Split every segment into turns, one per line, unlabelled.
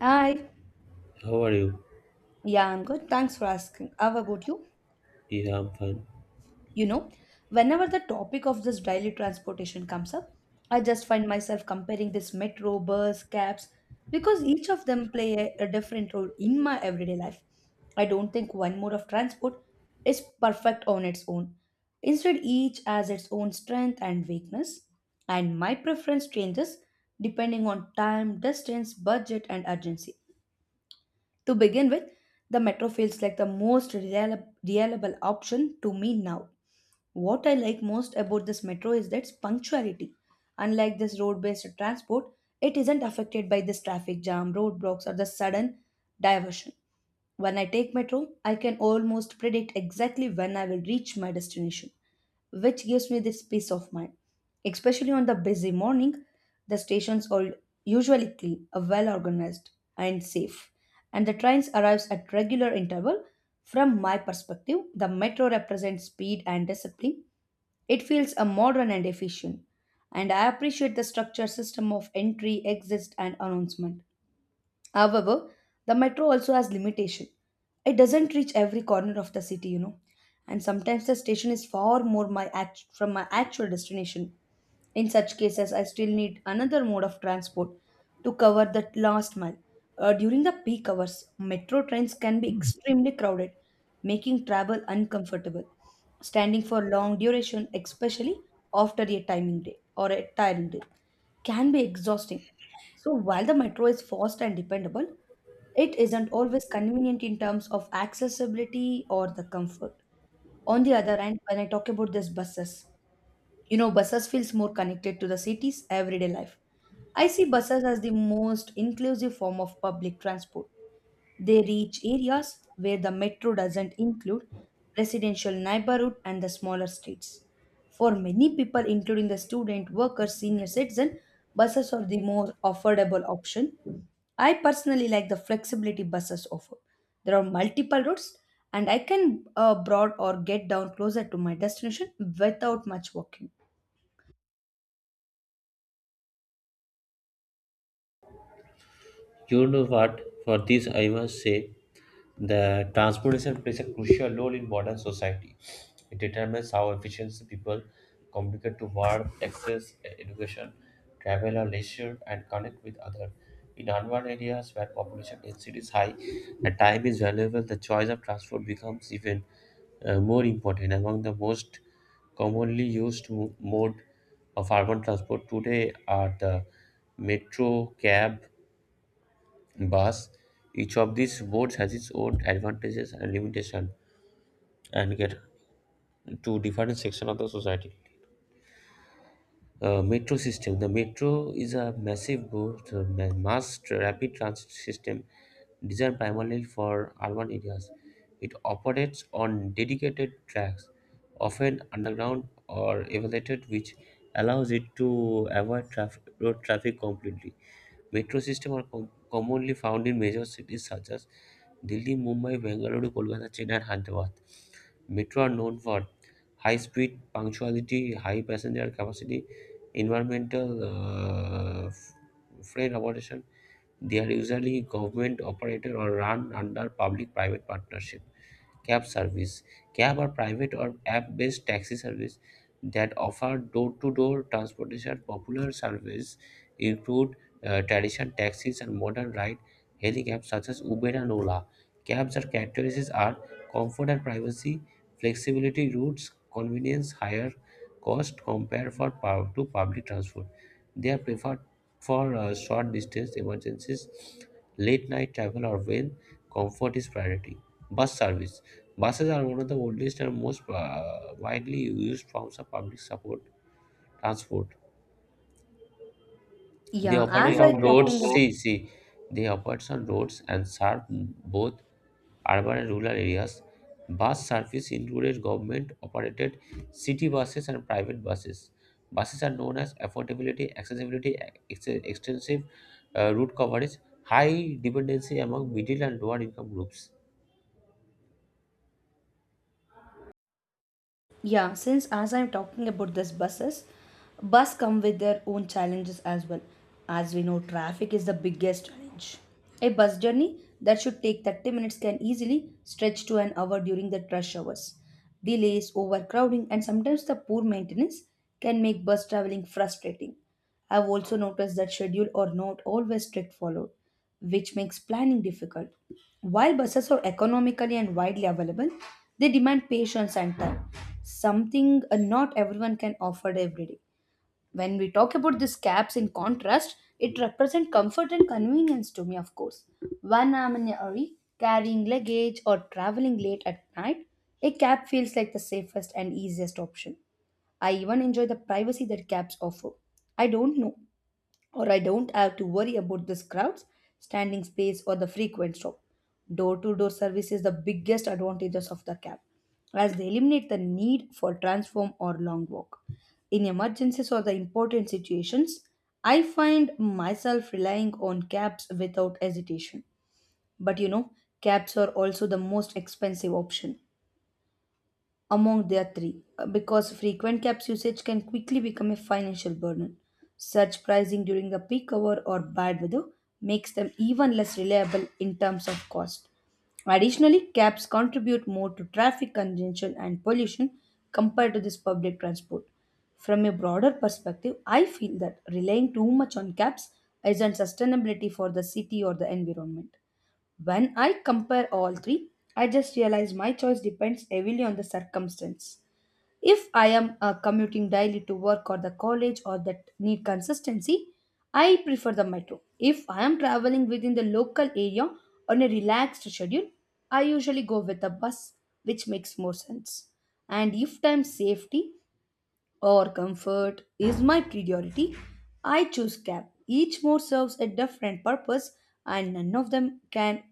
Hi.
How are you?
Yeah, I'm good. Thanks for asking. How about you?
Yeah, I'm fine.
You know, whenever the topic of this daily transportation comes up, I just find myself comparing this metro, bus, cabs, because each of them play a different role in my everyday life. I don't think one mode of transport is perfect on its own. Instead, each has its own strength and weakness, and my preference changes depending on time, distance, budget, and urgency. To begin with, the metro feels like the most reliable option to me now. What I like most about this metro is its punctuality. Unlike this road based transport, it isn't affected by this traffic jam, roadblocks, or the sudden diversion. When I take metro, I can almost predict exactly when I will reach my destination, which gives me this peace of mind. Especially on the busy morning, the stations are usually clean, well organized, and safe. And the trains arrives at regular interval. From my perspective, the metro represents speed and discipline. It feels a modern and efficient. And I appreciate the structured system of entry, exit, and announcement. However, the metro also has limitation. It doesn't reach every corner of the city, you know. And sometimes the station is far more from my actual destination. In such cases, I still need another mode of transport to cover that last mile. During the peak hours, metro trains can be extremely crowded, making travel uncomfortable, standing for long duration, especially after a timing day or a tiring day, can be exhausting. So while the metro is fast and dependable, it isn't always convenient in terms of accessibility or the comfort. On the other hand, when I talk about these buses, you know, buses feels more connected to the city's everyday life. I see buses as the most inclusive form of public transport. They reach areas where the metro doesn't include residential neighborhood and the smaller streets. For many people, including the student, workers, senior citizen, buses are the more affordable option. I personally like the flexibility buses offer. There are multiple routes, and I can broad or get down closer to my destination without much walking.
You know what? For this, I must say the transportation plays a crucial role in modern society. It determines how efficiently people communicate to work, access education, travel or leisure, and connect with others. In urban areas where population density is high and time is valuable, the choice of transport becomes even more important. Among the most commonly used mode of urban transport today are the metro, cab, bus. Each of these boards has its own advantages and limitation and get to different section of the society. Metro system. The metro is a massive board, rapid transit system designed primarily for urban areas. It operates on dedicated tracks, often underground or elevated, which allows it to avoid road traffic completely. Metro systems are commonly found in major cities such as Delhi, Mumbai, Bengaluru, Kolkata, Chennai, and Hyderabad. Metro are known for high speed, punctuality, high passenger capacity, environmental uh, f- free accommodation. They are usually government operated or run under public private partnership. Cab service. Cab are private or app-based taxi service that offer door-to-door transportation. Popular service include traditional taxis and modern ride-hailing apps such as Uber and Ola. Cabs are characteristics are comfort and privacy, flexibility, routes, convenience, higher cost compared for to public transport. They are preferred for short distance emergencies, late night travel, or when comfort is priority. Bus service. Buses are one of the oldest and most widely used forms of public support transport. They
Yeah, as
operate
I
on roads.
talking about
See, they operate on roads and serve both urban and rural areas. Bus service included government-operated city buses and private buses. Buses are known as affordability, accessibility, extensive route coverage, high dependency among middle and lower income groups.
Yeah, since as I'm talking about this buses, bus come with their own challenges as well. As we know, traffic is the biggest challenge. A bus journey that should take 30 minutes can easily stretch to an hour during the rush hours. Delays, overcrowding, and sometimes the poor maintenance can make bus traveling frustrating. I've also noticed that schedule are not always strict followed, which makes planning difficult. While buses are economically and widely available, they demand patience and time, something not everyone can afford every day. When we talk about these cabs in contrast, it represents comfort and convenience to me, of course. When I'm in a hurry, carrying luggage or traveling late at night, a cab feels like the safest and easiest option. I even enjoy the privacy that cabs offer. I don't know or I don't have to worry about the crowds, standing space, or the frequent stop. Door to door service is the biggest advantages of the cab, as they eliminate the need for transform or long walk. In emergencies or the important situations, I find myself relying on cabs without hesitation. But you know, cabs are also the most expensive option among their three because frequent caps usage can quickly become a financial burden. Surge pricing during the peak hour or bad weather makes them even less reliable in terms of cost. Additionally, cabs contribute more to traffic congestion and pollution compared to this public transport. From a broader perspective, I feel that relying too much on cabs isn't sustainability for the city or the environment. When I compare all three, I just realize my choice depends heavily on the circumstance. If I am commuting daily to work or the college or that need consistency, I prefer the metro. If I am traveling within the local area on a relaxed schedule, I usually go with the bus, which makes more sense. And if time safety, or comfort is my priority, I choose cab. Each mode serves a different purpose and none of them can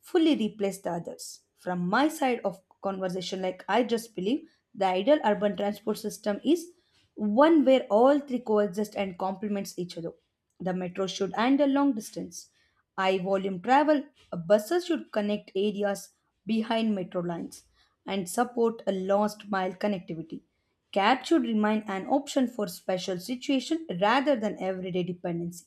fully replace the others. From my side of conversation, like I just believe the ideal urban transport system is one where all three coexist and complements each other. The metro should handle long distance. High volume travel buses should connect areas behind metro lines and support a last mile connectivity. Cab should remain an option for special situation rather than everyday dependency.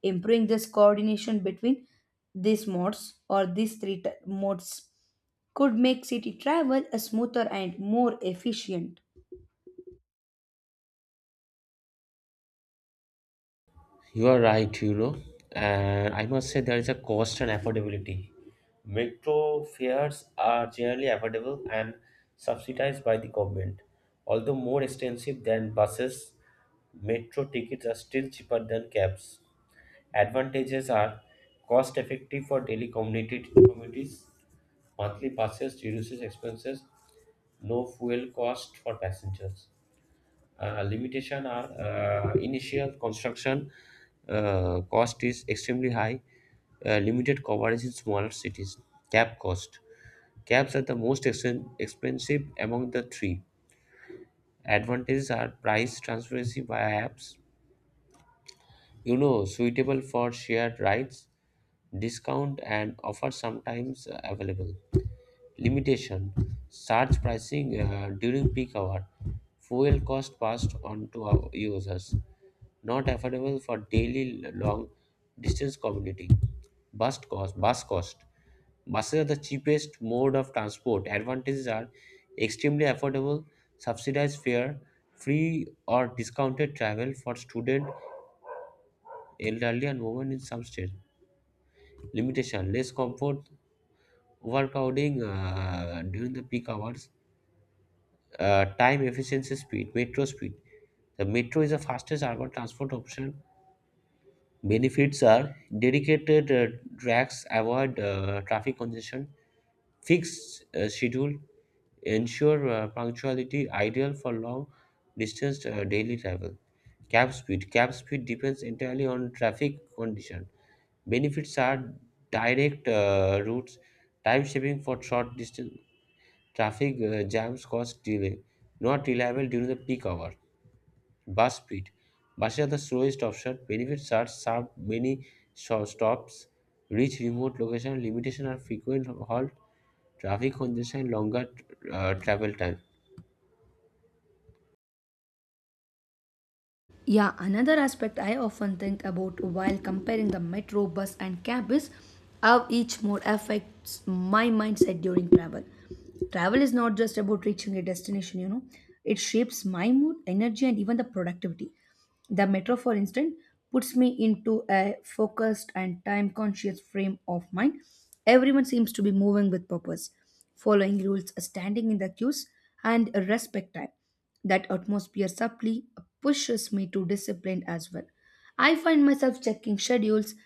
Improving this coordination between these modes or these three modes could make city travel a smoother and more efficient.
You are right, you know, and I must say there is a cost and affordability. Metro fares are generally affordable and subsidized by the government. Although more expensive than buses, metro tickets are still cheaper than cabs. Advantages are cost effective for daily community communities, monthly passes reduces expenses, no fuel cost for passengers. Limitation are initial construction cost is extremely high. Limited coverage in smaller cities. Cab cost. Cabs are the most expensive among the three. Advantages are price transparency via apps. You know, suitable for shared rides. Discount and offer sometimes available. Limitation: surge pricing during peak hour. Fuel cost passed on to our users. Not affordable for daily long distance commuting. Bus cost. Buses are the cheapest mode of transport. Advantages are extremely affordable, subsidized fare, free or discounted travel for student, elderly, and women in some states. Limitation: less comfort, overcrowding during the peak hours, time efficiency speed, metro speed. The metro is the fastest urban transport option. Benefits are dedicated tracks avoid traffic congestion, fixed schedule, ensure punctuality, ideal for long distance daily travel. Cab speed. Cab speed depends entirely on traffic condition. Benefits are direct routes, time saving for short distance. Traffic jams cause delay, not reliable during the peak hour. Bus speed. Buses are the slowest option. Benefits are sharp, many short stops, reach remote location, limitation are frequent halt, traffic congestion, longer travel time.
Yeah, another aspect I often think about while comparing the metro bus and cab is how each mode affects my mindset during travel. Travel is not just about reaching a destination, you know, it shapes my mood, energy, and even the productivity. The metro, for instance, puts me into a focused and time conscious frame of mind. Everyone seems to be moving with purpose, following rules, standing in the queues, and respect time. That atmosphere subtly pushes me to discipline as well. I find myself checking schedules,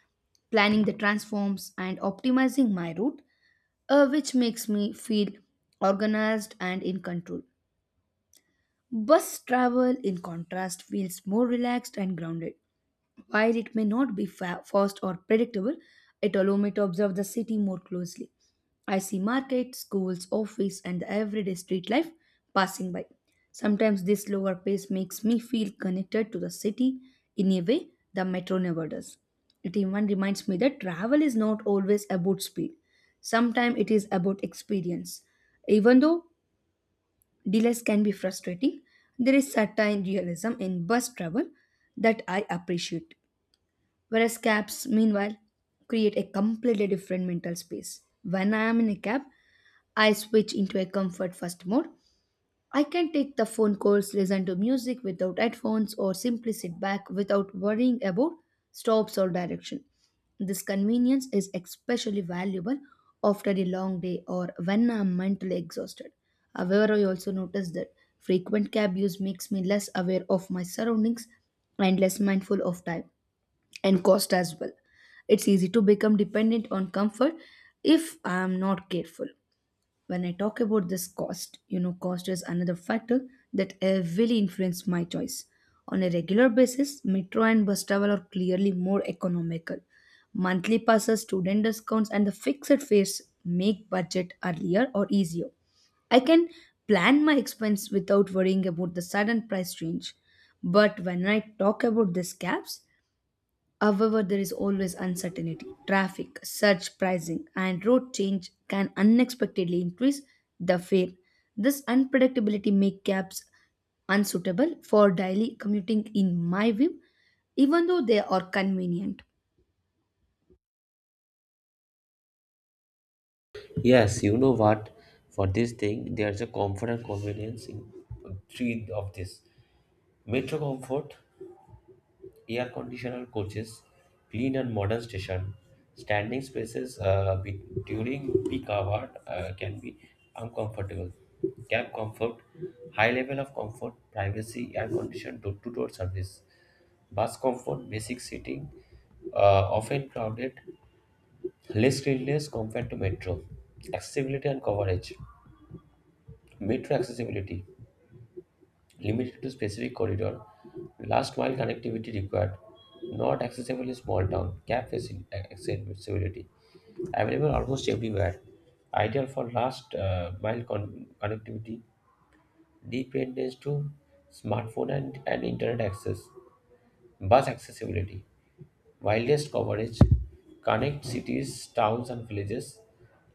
planning the transforms, and optimizing my route, which makes me feel organized and in control. Bus travel, in contrast, feels more relaxed and grounded while it may not be fast or predictable, it allows me to observe the city more closely. I see markets, schools, office, and the everyday street life passing by. Sometimes this slower pace makes me feel connected to the city in a way the metro never does. It even reminds me that travel is not always about speed. Sometimes it is about experience. Even though delays can be frustrating, there is certain realism in bus travel that I appreciate. Whereas cabs, meanwhile, create a completely different mental space. When I am in a cab, I switch into a comfort first mode. I can take the phone calls, listen to music without headphones, or simply sit back without worrying about stops or direction. This convenience is especially valuable after a long day or when I'm mentally exhausted. However, I also notice that frequent cab use makes me less aware of my surroundings and less mindful of time and cost as well. It's easy to become dependent on comfort if I am not careful. When I talk about this cost, you know, cost is another factor that heavily influence my choice. On a regular basis, metro and bus travel are clearly more economical. Monthly passes, student discounts, and the fixed fares make budget earlier or easier. I can plan my expense without worrying about the sudden price change. But when I talk about these gaps, however, there is always uncertainty. Traffic, surge pricing, and road change can unexpectedly increase the fare. This unpredictability makes cabs unsuitable for daily commuting, in my view, even though they are convenient.
Yes, you know what? For this thing, there's a comfort and convenience in three of this. Metro comfort air conditioned coaches, clean and modern station, standing spaces during peak hour can be uncomfortable. Cab comfort, high level of comfort, privacy, air conditioned door-to-door service, bus comfort, basic seating, often crowded, less cleanliness compared to metro, accessibility and coverage, metro accessibility. Limited to specific corridor, last mile connectivity required, not accessible in small town, accessibility, available almost everywhere, ideal for last mile connectivity, dependence to smartphone and internet access, bus accessibility, widest coverage, connect cities, towns and villages,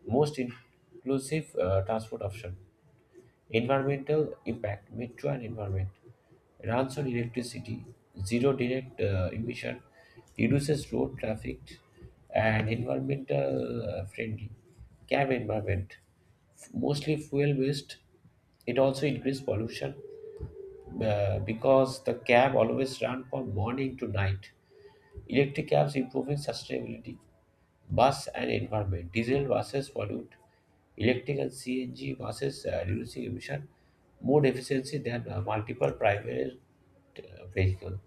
most inclusive transport option. Environmental impact, metro and environment. Runs on electricity, zero direct emission, reduces road traffic, and environmental friendly. Cab environment, mostly fuel based. It also increases pollution because the cab always run from morning to night. Electric cabs improving sustainability, bus and environment. Diesel buses pollute. Electric and CNG buses reducing emission more efficiency than multiple private vehicle.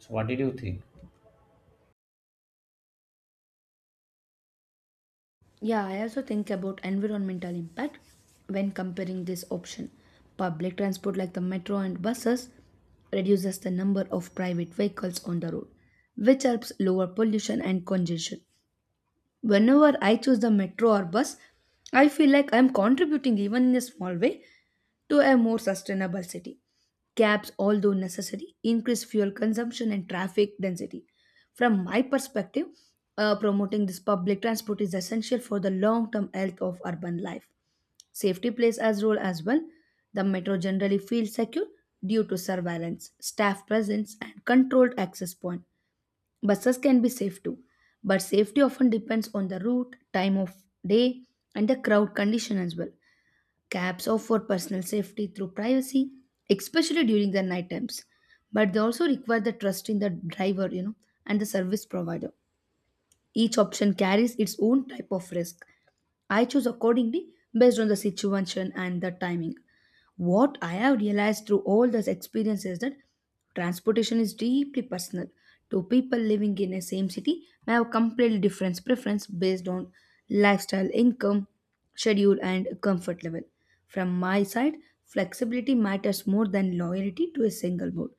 So what did you think?
Yeah, I also think about environmental impact when comparing this option. Public transport like the metro and buses reduces the number of private vehicles on the road, which helps lower pollution and congestion. Whenever I choose the metro or bus, I feel like I'm contributing, even in a small way, to a more sustainable city. Cabs, although necessary, increase fuel consumption and traffic density. From my perspective, promoting this public transport is essential for the long term health of urban life. Safety plays a role as well. The metro generally feels secure due to surveillance, staff presence, and controlled access point. Buses can be safe too, but safety often depends on the route, time of day, and the crowd condition as well. Cabs offer personal safety through privacy, especially during the night times, but they also require the trust in the driver, you know, and the service provider. Each option carries its own type of risk. I choose accordingly based on the situation and the timing. What I have realized through all those experiences is that transportation is deeply personal. Two people living in the same city may have completely different preference based on lifestyle, income, schedule, and comfort level. From my side, flexibility matters more than loyalty to a single mode.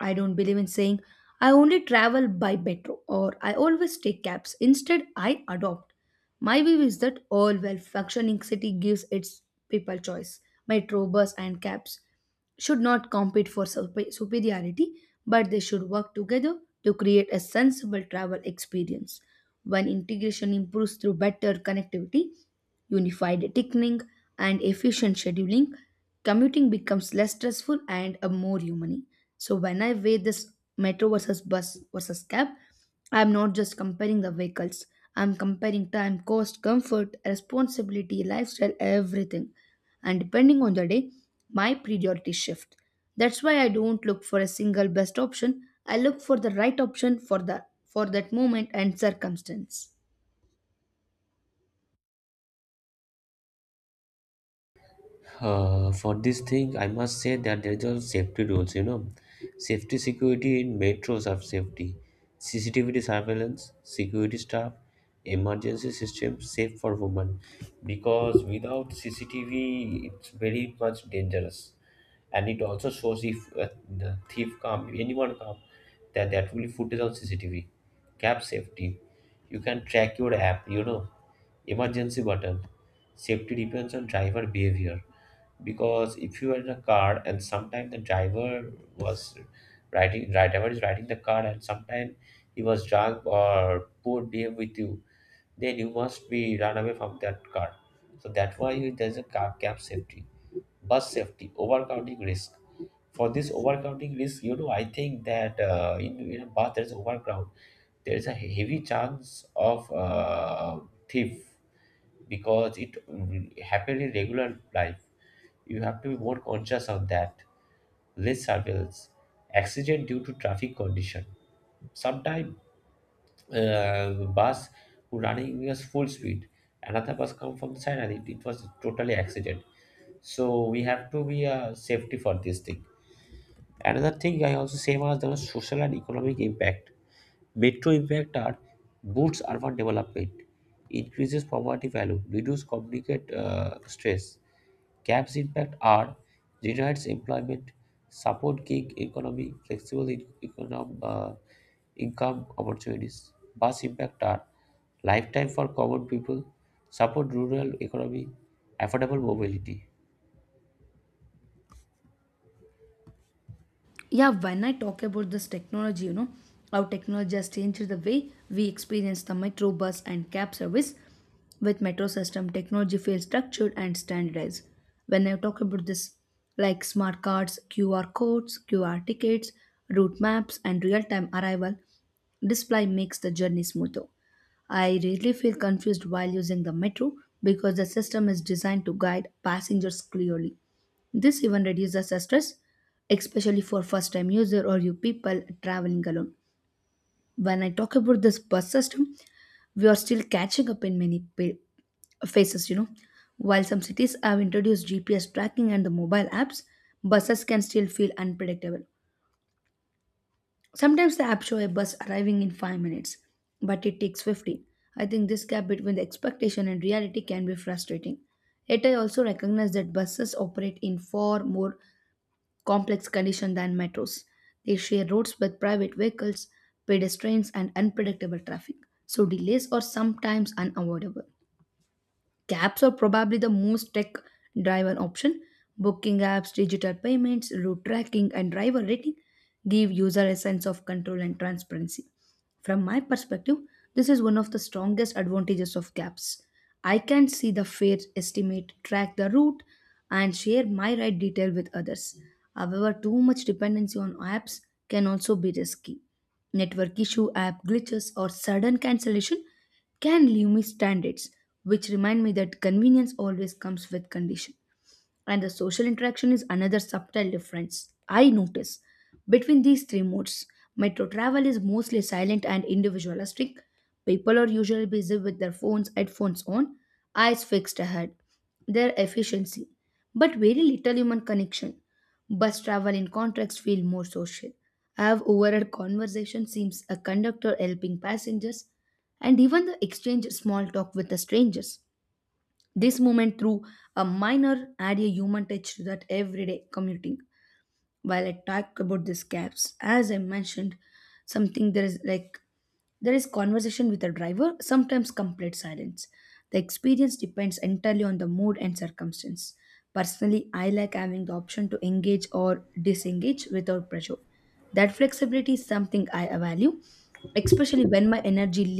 I don't believe in saying I only travel by metro or I always take cabs. Instead, I adopt. My view is that all well functioning city gives its people choice. Metro, bus, and cabs should not compete for superiority, but they should work together to create a sensible travel experience. When integration improves through better connectivity, unified ticketing, and efficient scheduling, commuting becomes less stressful and a more human. So when I weigh this metro versus bus versus cab, I'm not just comparing the vehicles. I'm comparing time, cost, comfort, responsibility, lifestyle, everything. And depending on the day, my priorities shift. That's why I don't look for a single best option. I look for the right option for that moment and circumstance.
For this thing, I must say that there are safety rules, you know. Safety security in metros are safety. CCTV surveillance, security staff, emergency system, safe for women. Because without CCTV, it's very much dangerous. And it also shows if the thief come, anyone come, that will be footage on CCTV. Cab safety. You can track your app, you know. Emergency button. Safety depends on driver behavior, because if you are in a car and sometimes the driver was riding right driver is riding the car and sometimes he was drunk or poor behave with you, then you must be run away from that car. So that's why there's a car cab safety. Bus safety overcrowding risk. For this overcrowding risk, you know, I think that in a bus there's overcrowd, there's a heavy chance of thief, because it happen in regular life. You have to be more conscious of that. Less surveillance, accident due to traffic condition. Sometimes uh, bus running us full speed, another bus come from the side and it was totally accident. So we have to be safety for this thing. Another thing I also say was the social and economic impact. Metro impact are boosts urban development, increases poverty value, reduce communicate stress. CAP's impact are generates employment, support gig economy, flexible income opportunities. Bus impact are lifetime for common people, support rural economy, affordable mobility.
Yeah, when I talk about this technology, you know, how technology has changed the way we experience the metro bus and cab service. With metro system, technology feels structured and standardized. When I talk about this, like smart cards, QR codes, QR tickets, route maps, and real-time arrival display makes the journey smoother. I rarely feel confused while using the metro because the system is designed to guide passengers clearly. This even reduces the stress, especially for first time user or you people traveling alone. When I talk about this bus system, we are still catching up in many phases, you know. While some cities have introduced GPS tracking and the mobile apps, buses can still feel unpredictable. Sometimes the app show a bus arriving in 5 minutes but it takes 15. I think this gap between the expectation and reality can be frustrating, yet I also recognize that buses operate in far more complex condition than metros. They share roads with private vehicles, pedestrians, and unpredictable traffic, so delays are sometimes unavoidable. Cabs are probably the most tech driven option. Booking apps, digital payments, route tracking, and driver rating give user a sense of control and transparency. From my perspective, this is one of the strongest advantages of cabs. I can see the fare estimate, track the route, and share my ride detail with others. However, too much dependency on apps can also be risky. Network issue, app glitches, or sudden cancellation can limit standards, which remind me that convenience always comes with condition. And the social interaction is another subtle difference I notice between these three modes. Metro travel is mostly silent and individualistic. People are usually busy with their phones, headphones on, eyes fixed ahead their efficiency, but very little human connection. Bus travel, in contrast, feel more social. I have overheard conversation seems a conductor helping passengers, and even the exchange small talk with the strangers. This moment through a minor add a human touch to that everyday commuting while I talk about these gaps, as I mentioned, something there is like there is conversation with the driver, sometimes complete silence. The experience depends entirely on the mood and circumstance. Personally, I like having the option to engage or disengage without pressure. That flexibility is something I value, especially when my energy